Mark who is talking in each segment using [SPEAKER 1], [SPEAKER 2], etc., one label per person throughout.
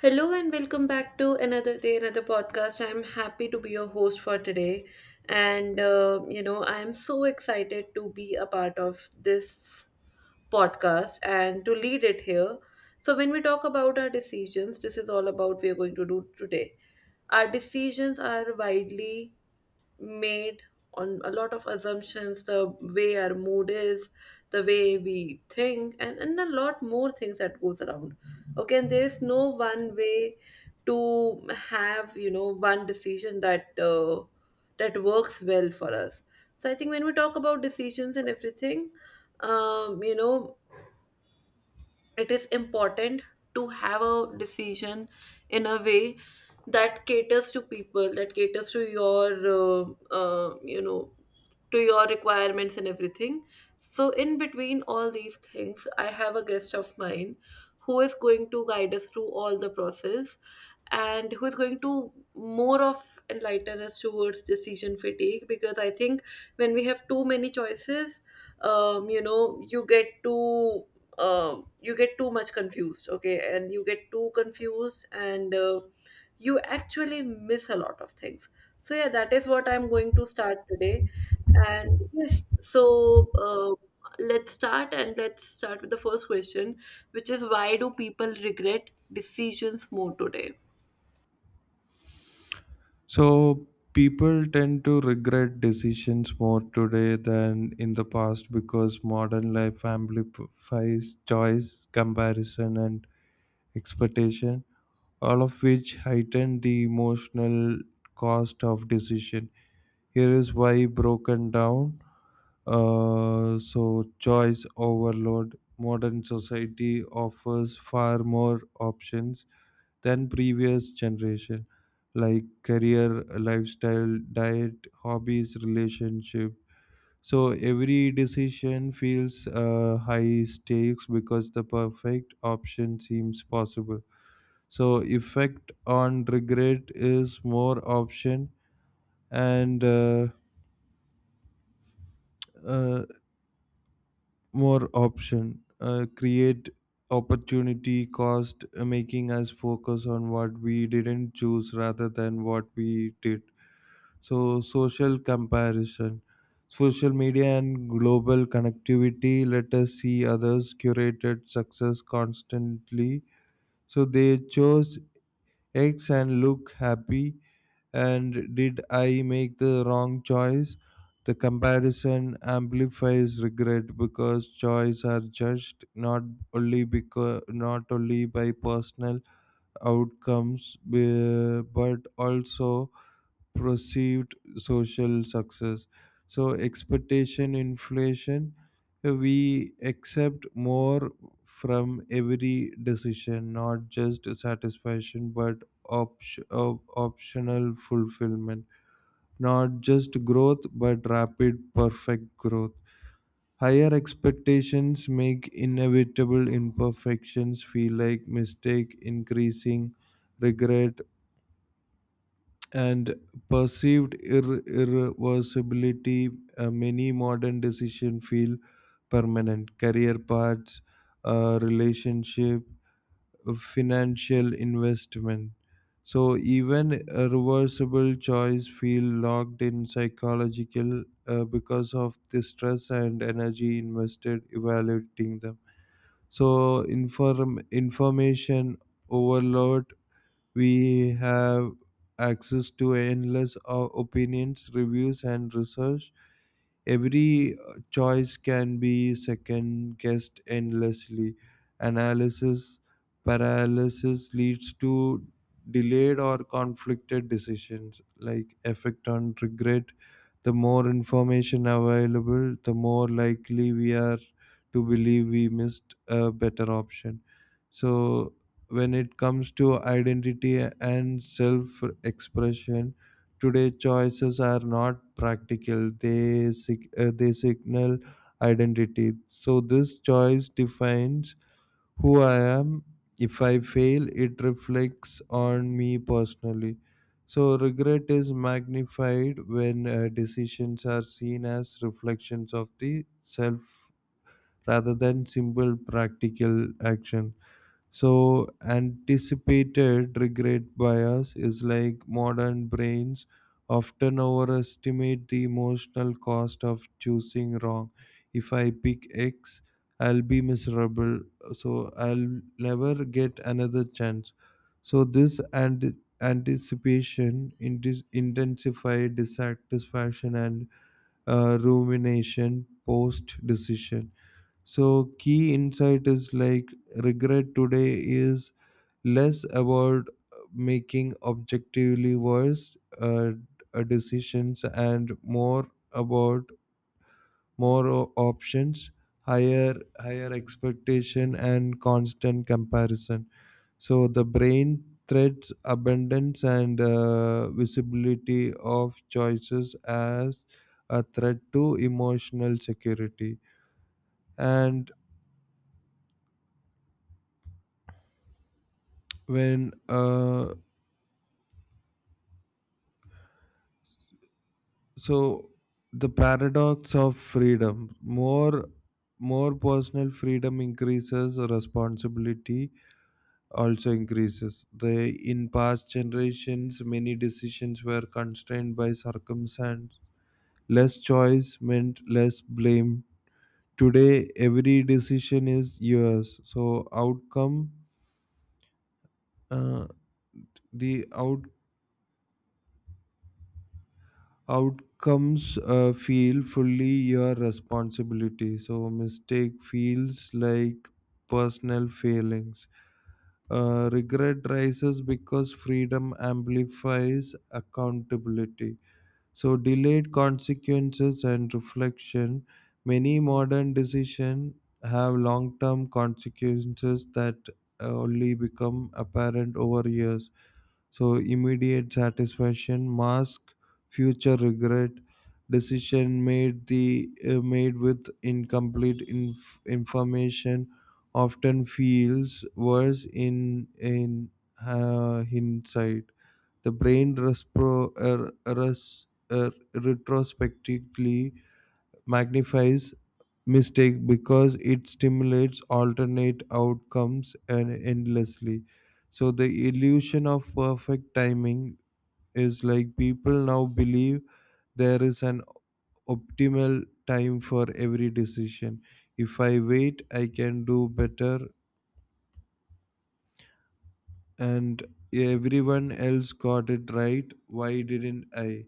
[SPEAKER 1] Hello and welcome back to another day, another podcast. I'm happy to be your host for today. And, I'm so excited to be a part of this podcast and to lead it here. So, when we talk about our decisions, this is all about we're going to do today. Our decisions are widely made on a lot of assumptions, the way our mood is, the way we think, and a lot more things that goes around. Okay, and there is no one way to have, one decision that that works well for us. So I think when we talk about decisions and everything, um, you know it is important to have a decision in a way that caters to people, that caters to your uh, uh, you know to your requirements and everything. So in between all these things, I have a guest of mine who is going to guide us through all the process and who is going to more of enlighten us towards decision fatigue. Because I think when we have too many choices, you get too, you get too much confused. Okay, and you get too confused, and you actually miss a lot of things. So yeah, that is what I'm going to start today. And yes, so let's start, and let's start with the first question, which is, why do people regret decisions more today?
[SPEAKER 2] So people tend to regret decisions more today than in the past because modern life amplifies choice, comparison, and expectation, all of which heighten the emotional cost of decision. Here is why broken down. So choice overload. Modern society offers far more options than previous generation, like career, lifestyle, diet, hobbies, relationship. So every decision feels high stakes because the perfect option seems possible. So effect on regret is more option, and uh, more option create opportunity cost, making us focus on what we didn't choose rather than what we did. So, social comparison, social media, and global connectivity let us see others' curated success constantly. So, they chose X and look happy. And did I make the wrong choice? The comparison amplifies regret because choices are judged not only by personal outcomes, but also perceived social success. So, expectation inflation, we accept more from every decision, not just satisfaction, but optional fulfillment. Not just growth, but rapid, perfect growth. Higher expectations make inevitable imperfections feel like mistake, increasing regret, and perceived irreversibility. Many modern decisions feel permanent. Career paths, relationship, financial investment. So even a reversible choice feel locked in psychological because of the stress and energy invested evaluating them. So information overload, we have access to endless opinions, reviews, and research. Every choice can be second guessed endlessly. Analysis paralysis leads to delayed or conflicted decisions. Like effect on regret, the more information available, the more likely we are to believe we missed a better option. So, when it comes to identity and self expression, today choices are not practical, they signal identity. So, this choice defines who I am. If I fail, it reflects on me personally. So, regret is magnified when decisions are seen as reflections of the self rather than simple practical action. So, anticipated regret bias is like modern brains often overestimate the emotional cost of choosing wrong. If I pick X, I'll be miserable, so I'll never get another chance. So, this and anticipation intensify dissatisfaction and rumination post decision. So, key insight is like regret today is less about making objectively worse decisions and more about options, higher expectation and constant comparison. So the brain threats abundance and visibility of choices as a threat to emotional security. And when so the paradox of freedom, more personal freedom increases responsibility, also increases the, in past generations many decisions were constrained by circumstance, less choice meant less blame. Today every decision is yours, so outcome, uh, the out outcomes feel fully your responsibility, so mistake feels like personal failings. Regret rises because freedom amplifies accountability. So delayed consequences and reflection, many modern decisions have long-term consequences that only become apparent over years. So immediate satisfaction mask future regret. Decision made the made with incomplete information often feels worse in in hindsight. The brain retrospectively magnifies mistake because it stimulates alternate outcomes and endlessly. So the illusion of perfect timing is like people now believe there is an optimal time for every decision. If I wait, I can do better, and everyone else got it right. Why didn't I?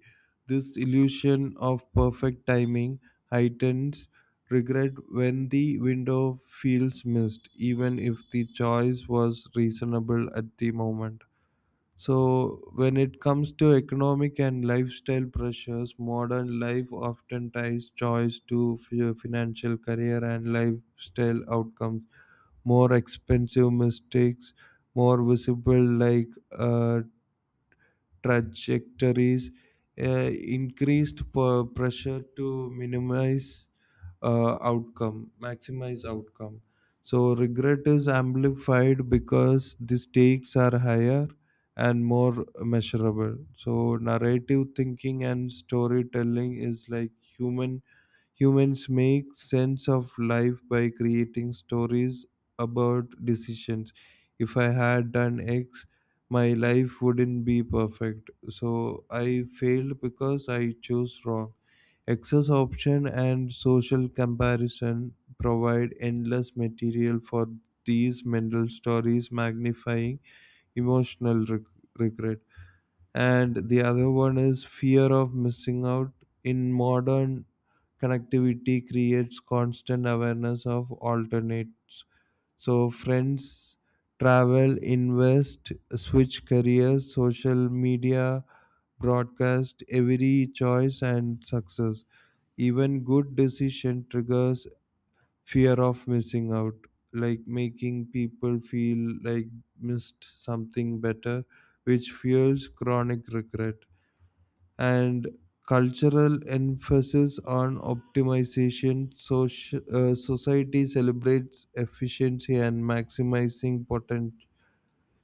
[SPEAKER 2] This illusion of perfect timing heightens regret when the window feels missed, even if the choice was reasonable at the moment. So, when it comes to economic and lifestyle pressures, modern life often ties choice to financial, career, and lifestyle outcomes. More expensive mistakes, more visible like trajectories, uh, increased pressure to minimize outcome maximize outcome. So regret is amplified because the stakes are higher and more measurable. So narrative thinking and storytelling is like humans make sense of life by creating stories about decisions. If I had done X, my life wouldn't be perfect, so I failed because I chose wrong. Access option and social comparison provide endless material for these mental stories, magnifying emotional regret. And the other one is fear of missing out. In modern connectivity, creates constant awareness of alternates. So friends travel, invest, switch careers, social media, broadcast every choice and success. Even good decision triggers fear of missing out, like making people feel like missed something better, which fuels chronic regret. And cultural emphasis on optimization, society celebrates efficiency and maximizing potential.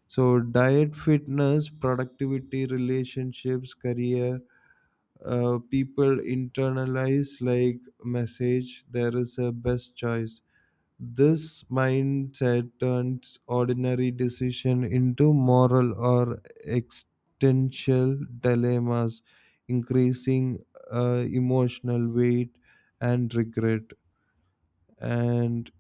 [SPEAKER 2] So diet, fitness, productivity, relationships, career, people internalize like message there is a best choice. This mindset turns ordinary decision into moral or existential dilemmas, increasing emotional weight and regret. And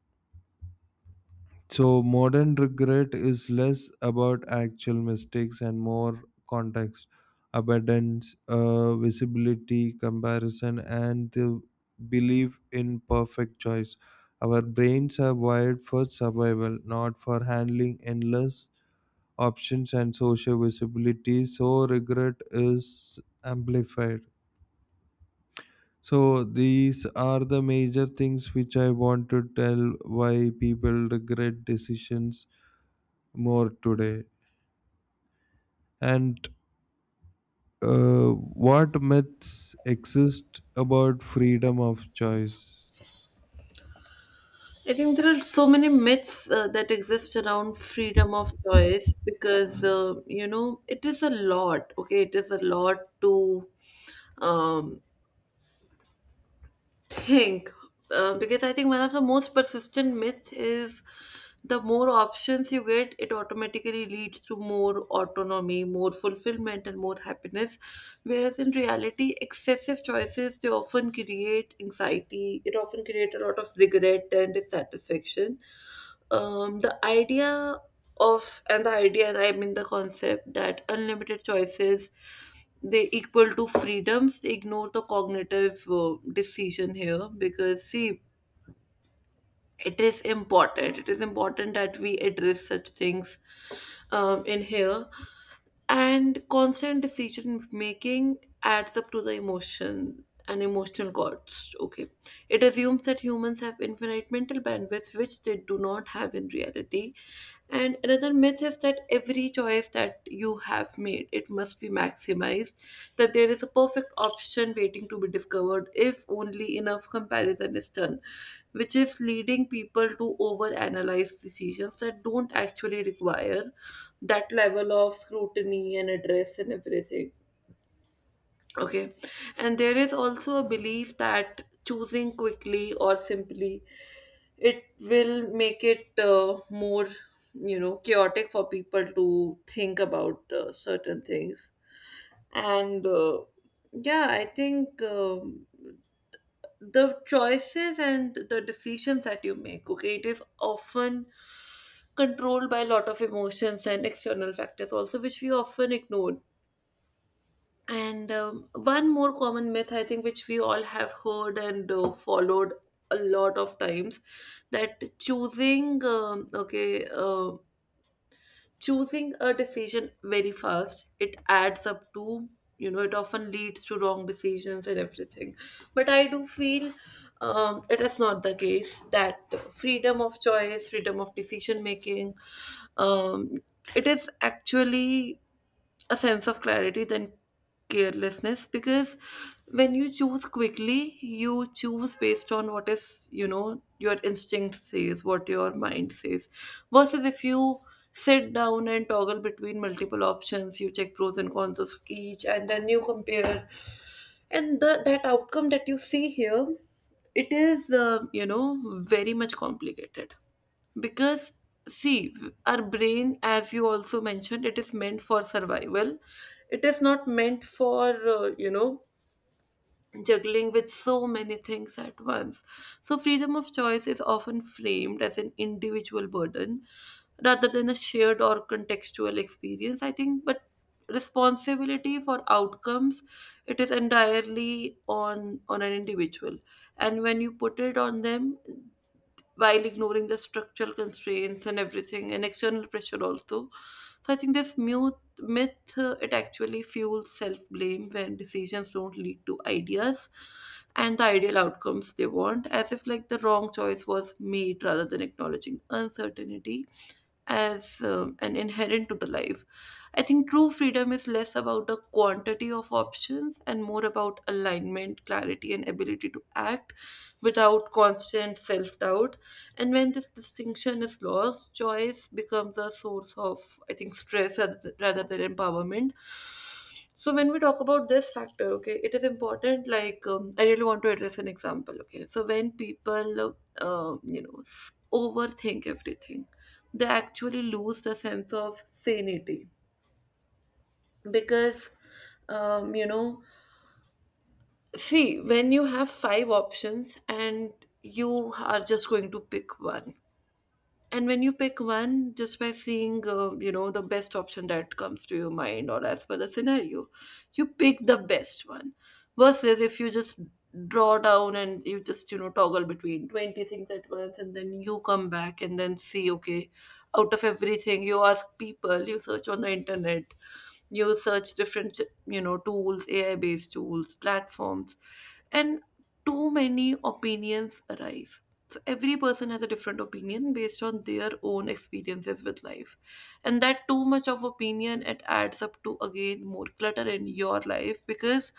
[SPEAKER 2] so modern regret is less about actual mistakes and more context, abundance, visibility, comparison, and the belief in perfect choice. Our brains are wired for survival, not for handling endless options and social visibility. So regret is amplified. So these are the major things which I want to tell why people regret decisions more today. And uh, what myths exist about freedom of choice?
[SPEAKER 1] I think there are so many myths that exist around freedom of choice because, it is a lot. Okay, it is a lot to, um, think. Because I think one of the most persistent myths is the more options you get, it automatically leads to more autonomy, more fulfillment, and more happiness. Whereas in reality, excessive choices, they often create anxiety, it often create a lot of regret and dissatisfaction. The idea of, and the idea and I mean, the concept that unlimited choices, they equal to freedoms, they ignore the cognitive decision here, because see, it is important, it is important that we address such things, in here. And constant decision making adds up to the emotional cost. Okay, it assumes that humans have infinite mental bandwidth, which they do not have in reality. And another myth is that every choice that you have made, it must be maximized, that there is a perfect option waiting to be discovered if only enough comparison is done, which is leading people to overanalyze decisions that don't actually require that level of scrutiny and address and everything. Okay. And there is also a belief that choosing quickly or simply, it will make it more, you know, chaotic for people to think about certain things. And Yeah, I think, the choices and the decisions that you make, okay, it is often controlled by a lot of emotions and external factors also, which we often ignore. And one more common myth, I think, which we all have heard and followed a lot of times, that choosing, choosing a decision very fast, it adds up to, you know, it often leads to wrong decisions and everything. But I do feel, it is not the case, that freedom of choice, freedom of decision making, um, it is actually a sense of clarity than carelessness. Because when you choose quickly, you choose based on what is, you know, your instinct says, what your mind says. Versus if you sit down and toggle between multiple options, you check pros and cons of each, and then you compare, and that outcome that you see here, it is, you know, very much complicated. Because see, our brain, as you also mentioned, it is meant for survival, it is not meant for, you know, juggling with so many things at once. So freedom of choice is often framed as an individual burden rather than a shared or contextual experience, I think. But responsibility for outcomes, it is entirely on an individual. And when you put it on them while ignoring the structural constraints and everything, and external pressure also. So I think this mute myth, it actually fuels self blame when decisions don't lead to ideas and the ideal outcomes they want, as if like the wrong choice was made rather than acknowledging uncertainty as, an inherent to the life. I think true freedom is less about the quantity of options and more about alignment, clarity, and ability to act without constant self doubt. And when this distinction is lost, choice becomes a source of, I think, stress rather than empowerment. So when we talk about this factor, okay, it is important. Like, I really want to address an example. Okay, so when people, overthink everything, they actually lose the sense of sanity. Because, um, you know, see when you have five options and you are just going to pick one. And when you pick one, just by seeing, the best option that comes to your mind or as per the scenario, you pick the best one. Versus if you just draw down and you just, you know, toggle between 20 things at once, and then you come back and then see, okay, out of everything, you ask people, you search on the internet, you search different, you know, tools, AI based tools, platforms, and too many opinions arise. So every person has a different opinion based on their own experiences with life. And that too much of opinion, it adds up to again more clutter in your life. Because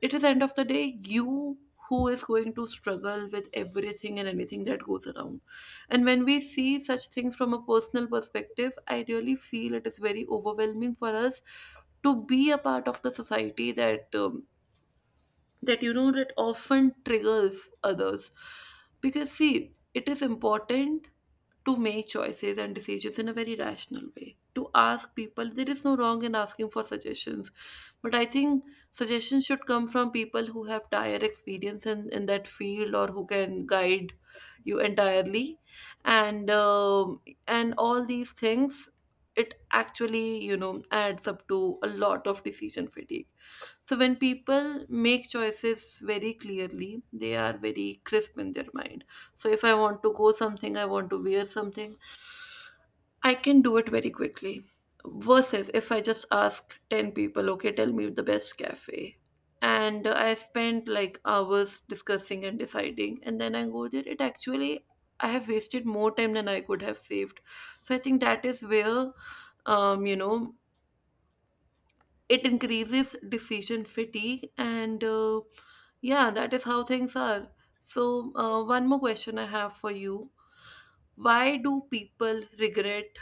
[SPEAKER 1] it is end of the day, you who is going to struggle with everything and anything that goes around. And when we see such things from a personal perspective, I really feel it is very overwhelming for us to be a part of the society that, that often triggers others. Because see, it is important to make choices and decisions in a very rational way. To ask people, there is no wrong in asking for suggestions, but I think suggestions should come from people who have dire experience in that field, or who can guide you entirely. and um, and all these things, it actually, you know, adds up to a lot of decision fatigue. So when people make choices very clearly, they are very crisp in their mind. So if I want to go something, I want to wear something, I can do it very quickly. Versus if I just ask 10 people, okay, tell me the best cafe. And I spent like hours discussing and deciding, and then I go there. It actually, I have wasted more time than I could have saved. So I think that is where, um, you know, it increases decision fatigue and yeah, that is how things are. So one more question I have for you. Why do people regret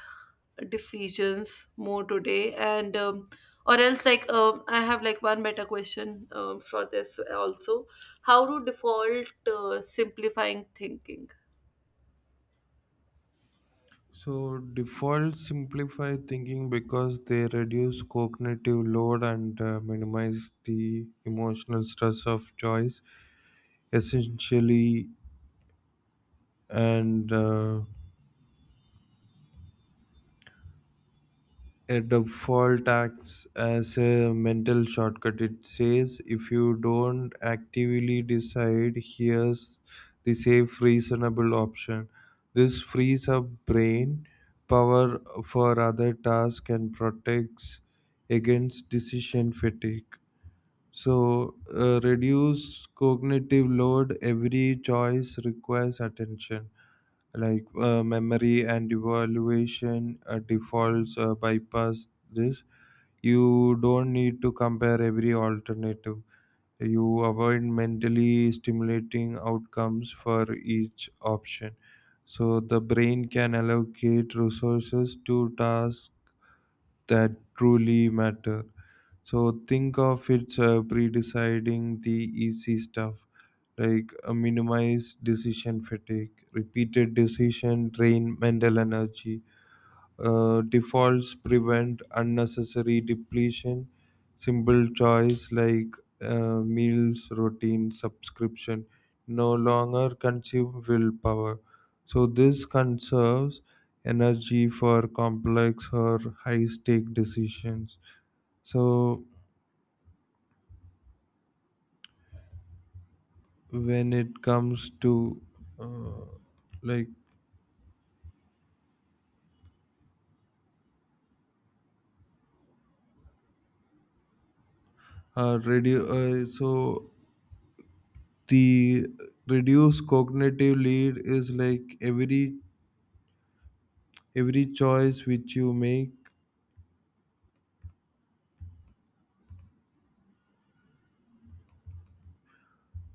[SPEAKER 1] decisions more today? And um, or else like um, I have like one better question, for this also. How to default, simplifying thinking?
[SPEAKER 2] So, defaults simplify thinking because they reduce cognitive load and minimize the emotional stress of choice, essentially, and a default acts as a mental shortcut. It says if you don't actively decide, here's the safe, reasonable option. This frees up brain power for other tasks and protects against decision fatigue. So, reduce cognitive load. Every choice requires attention, like memory and evaluation. Defaults bypass this. You don't need to compare every alternative. You avoid mentally stimulating outcomes for each option, so the brain can allocate resources to tasks that truly matter. So think of it, pre-deciding the easy stuff. Like minimize decision fatigue, repeated decision drain mental energy. Defaults prevent unnecessary depletion. Simple choice like meals, routine, subscription no longer consume willpower. So this conserves energy for complex or high stake decisions. So when it comes to uh, like radio so the reduced cognitive lead is like every choice which you make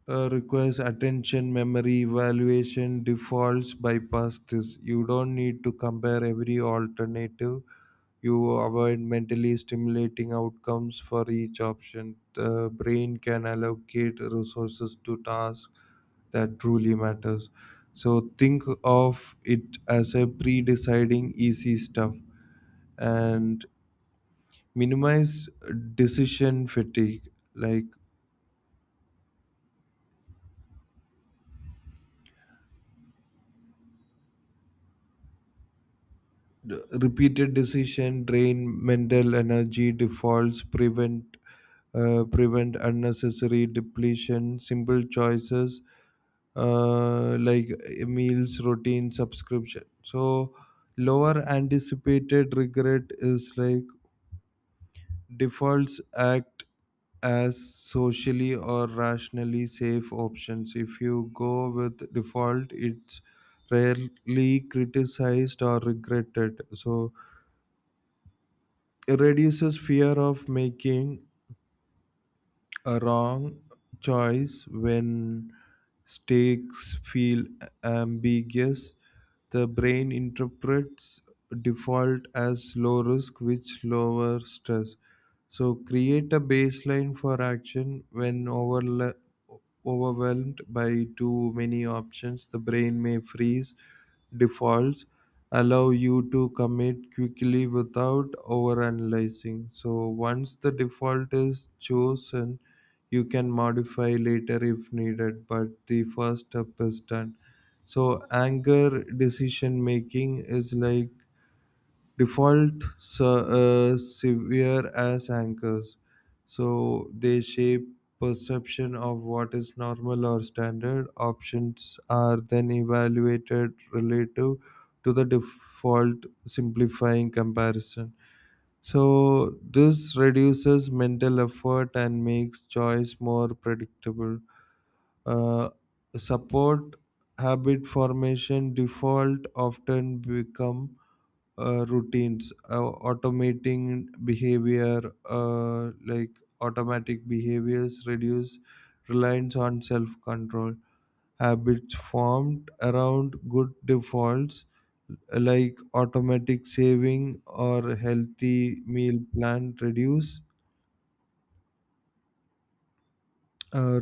[SPEAKER 2] requires attention, memory, evaluation. Defaults bypass this. You don't need to compare every alternative. You avoid mentally stimulating outcomes for each option. The brain can allocate resources to tasks that truly matters. So think of it as a pre-deciding easy stuff, and minimize decision fatigue. Like repeated decision drain mental energy, defaults prevent unnecessary depletion. Simple choices like meals, routine, subscription. So lower anticipated regret is like defaults act as socially or rationally safe options. If you go with default, it's rarely criticized or regretted, so reduces fear of making a wrong choice when stakes feel ambiguous. The brain interprets default as low risk, which lowers stress. So, create a baseline for action when overwhelmed by too many options. The brain may freeze defaults, allow you to commit quickly without overanalyzing. So, once the default is chosen, you can modify later if needed, but the first step is done. So anger decision making is like severe as anchors, so they shape perception of what is normal or standard. Options are then evaluated relative to the default, simplifying comparison. So this reduces mental effort and makes choice more predictable. Uh, Support habit formation, default often become routines, automating behavior. Like automatic behaviors reduce reliance on self-control. Habits formed around good defaults like automatic saving or healthy meal plan uh,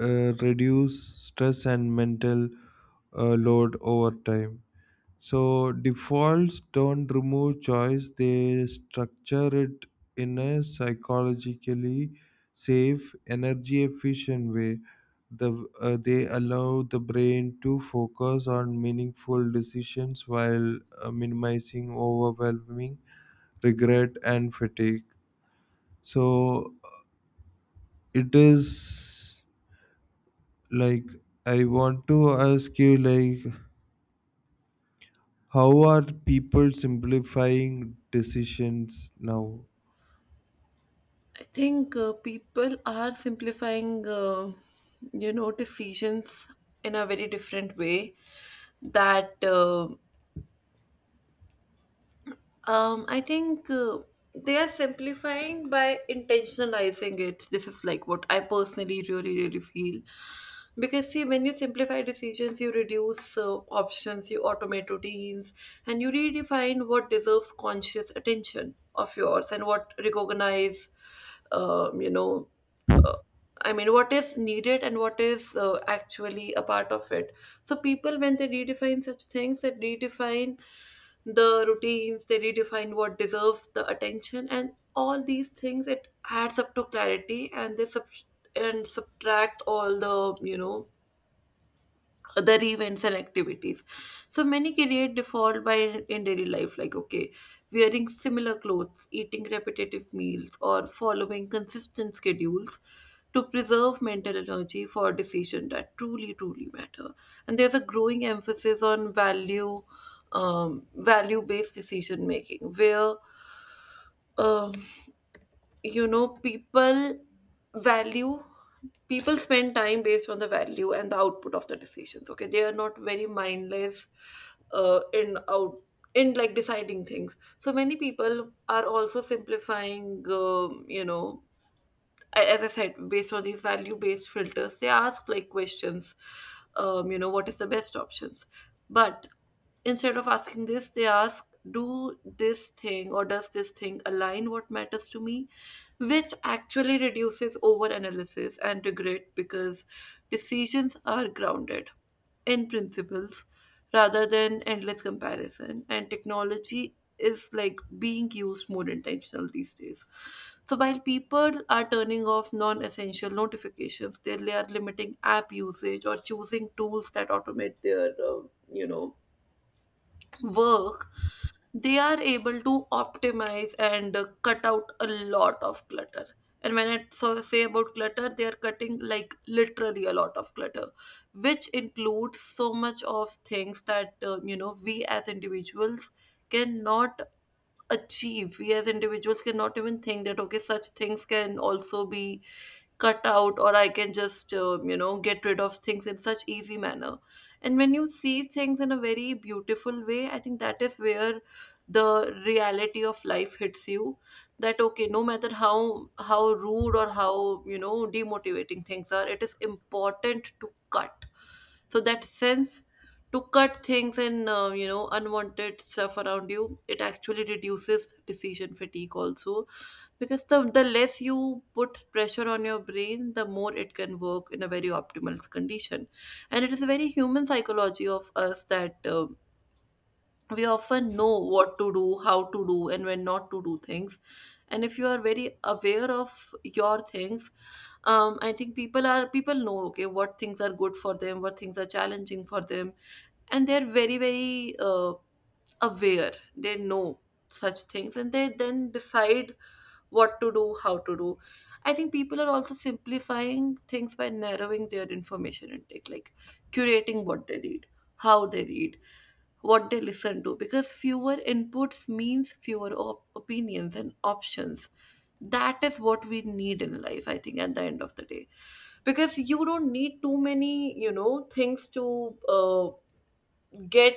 [SPEAKER 2] reduce stress and mental load over time. So defaults don't remove choice, they structure it in a psychologically safe, energy efficient way. They allow the brain to focus on meaningful decisions while minimizing overwhelming regret and fatigue. So it is like I want to ask you, like, how are people simplifying decisions now?
[SPEAKER 1] I think people are simplifying, decisions in a very different way. That I think, they are simplifying by intentionalizing it. This is like what I personally really, really feel. Because see, when you simplify decisions, you reduce options, you automate routines, and you redefine what deserves conscious attention of yours and what recognize, um, you know uh, I mean, what is needed and what is actually a part of it. So people, when they redefine such things, they redefine the routines, they redefine what deserves the attention, and all these things, it adds up to clarity, and they sub- and subtract all the, you know, other events and activities. So many create default by in daily life, like okay, wearing similar clothes, eating repetitive meals, or following consistent schedules to preserve mental energy for decisions that truly, truly matter. And there's a growing emphasis on value-based decision making, where, um, you know, value people spend time based on the value and the output of the decisions. Okay, they are not very mindless, uh, in out in like deciding things. So many people are also simplifying, as I said, based on these value based filters, they ask like questions, what is the best options. But instead of asking this, they ask, do this thing, or does this thing align what matters to me? Which actually reduces over analysis and regret, because decisions are grounded in principles rather than endless comparison. And technology is like being used more intentional these days, so while people are turning off non-essential notifications, they are limiting app usage or choosing tools that automate their you know work. They are able to optimize and cut out a lot of clutter. And when I so say about clutter, they are cutting like literally a lot of clutter, which includes so much of things that we as individuals cannot achieve. We as individuals cannot even think that, okay, such things can also be cut out, or I can just, get rid of things in such easy manner. And when you see things in a very beautiful way, I think that is where the reality of life hits you, that okay, no matter how rude or how, you know, demotivating things are, it is important to cut, so that sense, to cut things and, unwanted stuff around you, it actually reduces decision fatigue also, because the less you put pressure on your brain, the more it can work in a very optimal condition. And it is a very human psychology of us that, we often know what to do, how to do, and when not to do things. And if you are very aware of your things, I think people are, people know, okay, what things are good for them, what things are challenging for them, and they're very very, aware, they know such things, and they then decide what to do, how to do. I think people are also simplifying things by narrowing their information intake, like curating what they read, how they read, what they listen to, because fewer inputs means fewer opinions and options. That is what we need in life, I think, at the end of the day, because you don't need too many, you know, things to get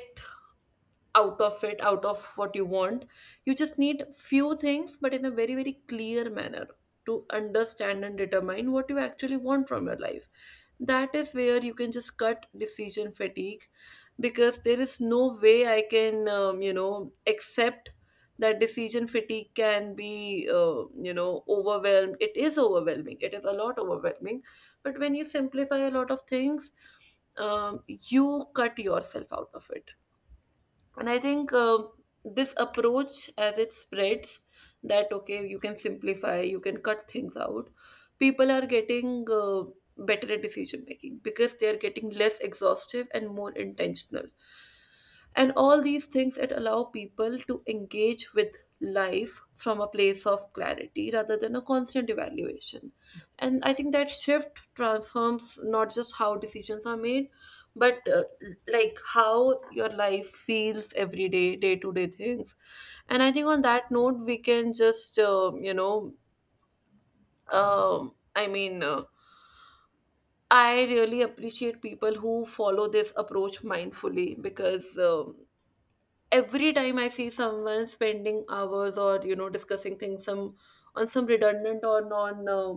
[SPEAKER 1] out of it, out of what you want. You just need few things, but in a very very clear manner, to understand and determine what you actually want from your life. That is where you can just cut decision fatigue, because there is no way I can, accept that decision fatigue can be, overwhelmed. It is overwhelming, it is a lot overwhelming. But when you simplify a lot of things, you cut yourself out of it. And I think, this approach, as it spreads, that okay, you can simplify, you can cut things out, people are getting, better at decision making, because they are getting less exhaustive and more intentional. And all these things, it allow people to engage with life from a place of clarity rather than a constant evaluation. And I think that shift transforms not just how decisions are made, but like how your life feels, every day, day to day things. And I think on that note, we can just um, i mean uh, I really appreciate people who follow this approach mindfully, because every time I see someone spending hours or, you know, discussing things, some, on some redundant or non uh,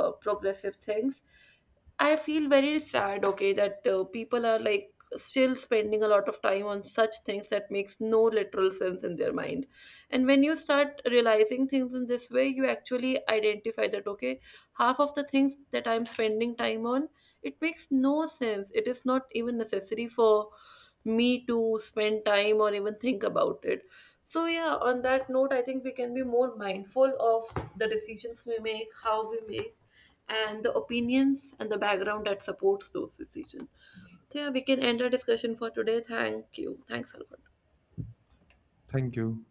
[SPEAKER 1] uh, progressive things, I feel very sad, okay, that people are like still spending a lot of time on such things that makes no literal sense in their mind. And when you start realizing things in this way, you actually identify that, okay, half of the things that I'm spending time on, it makes no sense. It is not even necessary for me to spend time or even think about it. So, yeah, on that note, I think we can be more mindful of the decisions we make, how we make, and the opinions and the background that supports those decisions. So, yeah, we can end our discussion for today. Thank you. Thanks a lot.
[SPEAKER 2] Thank you.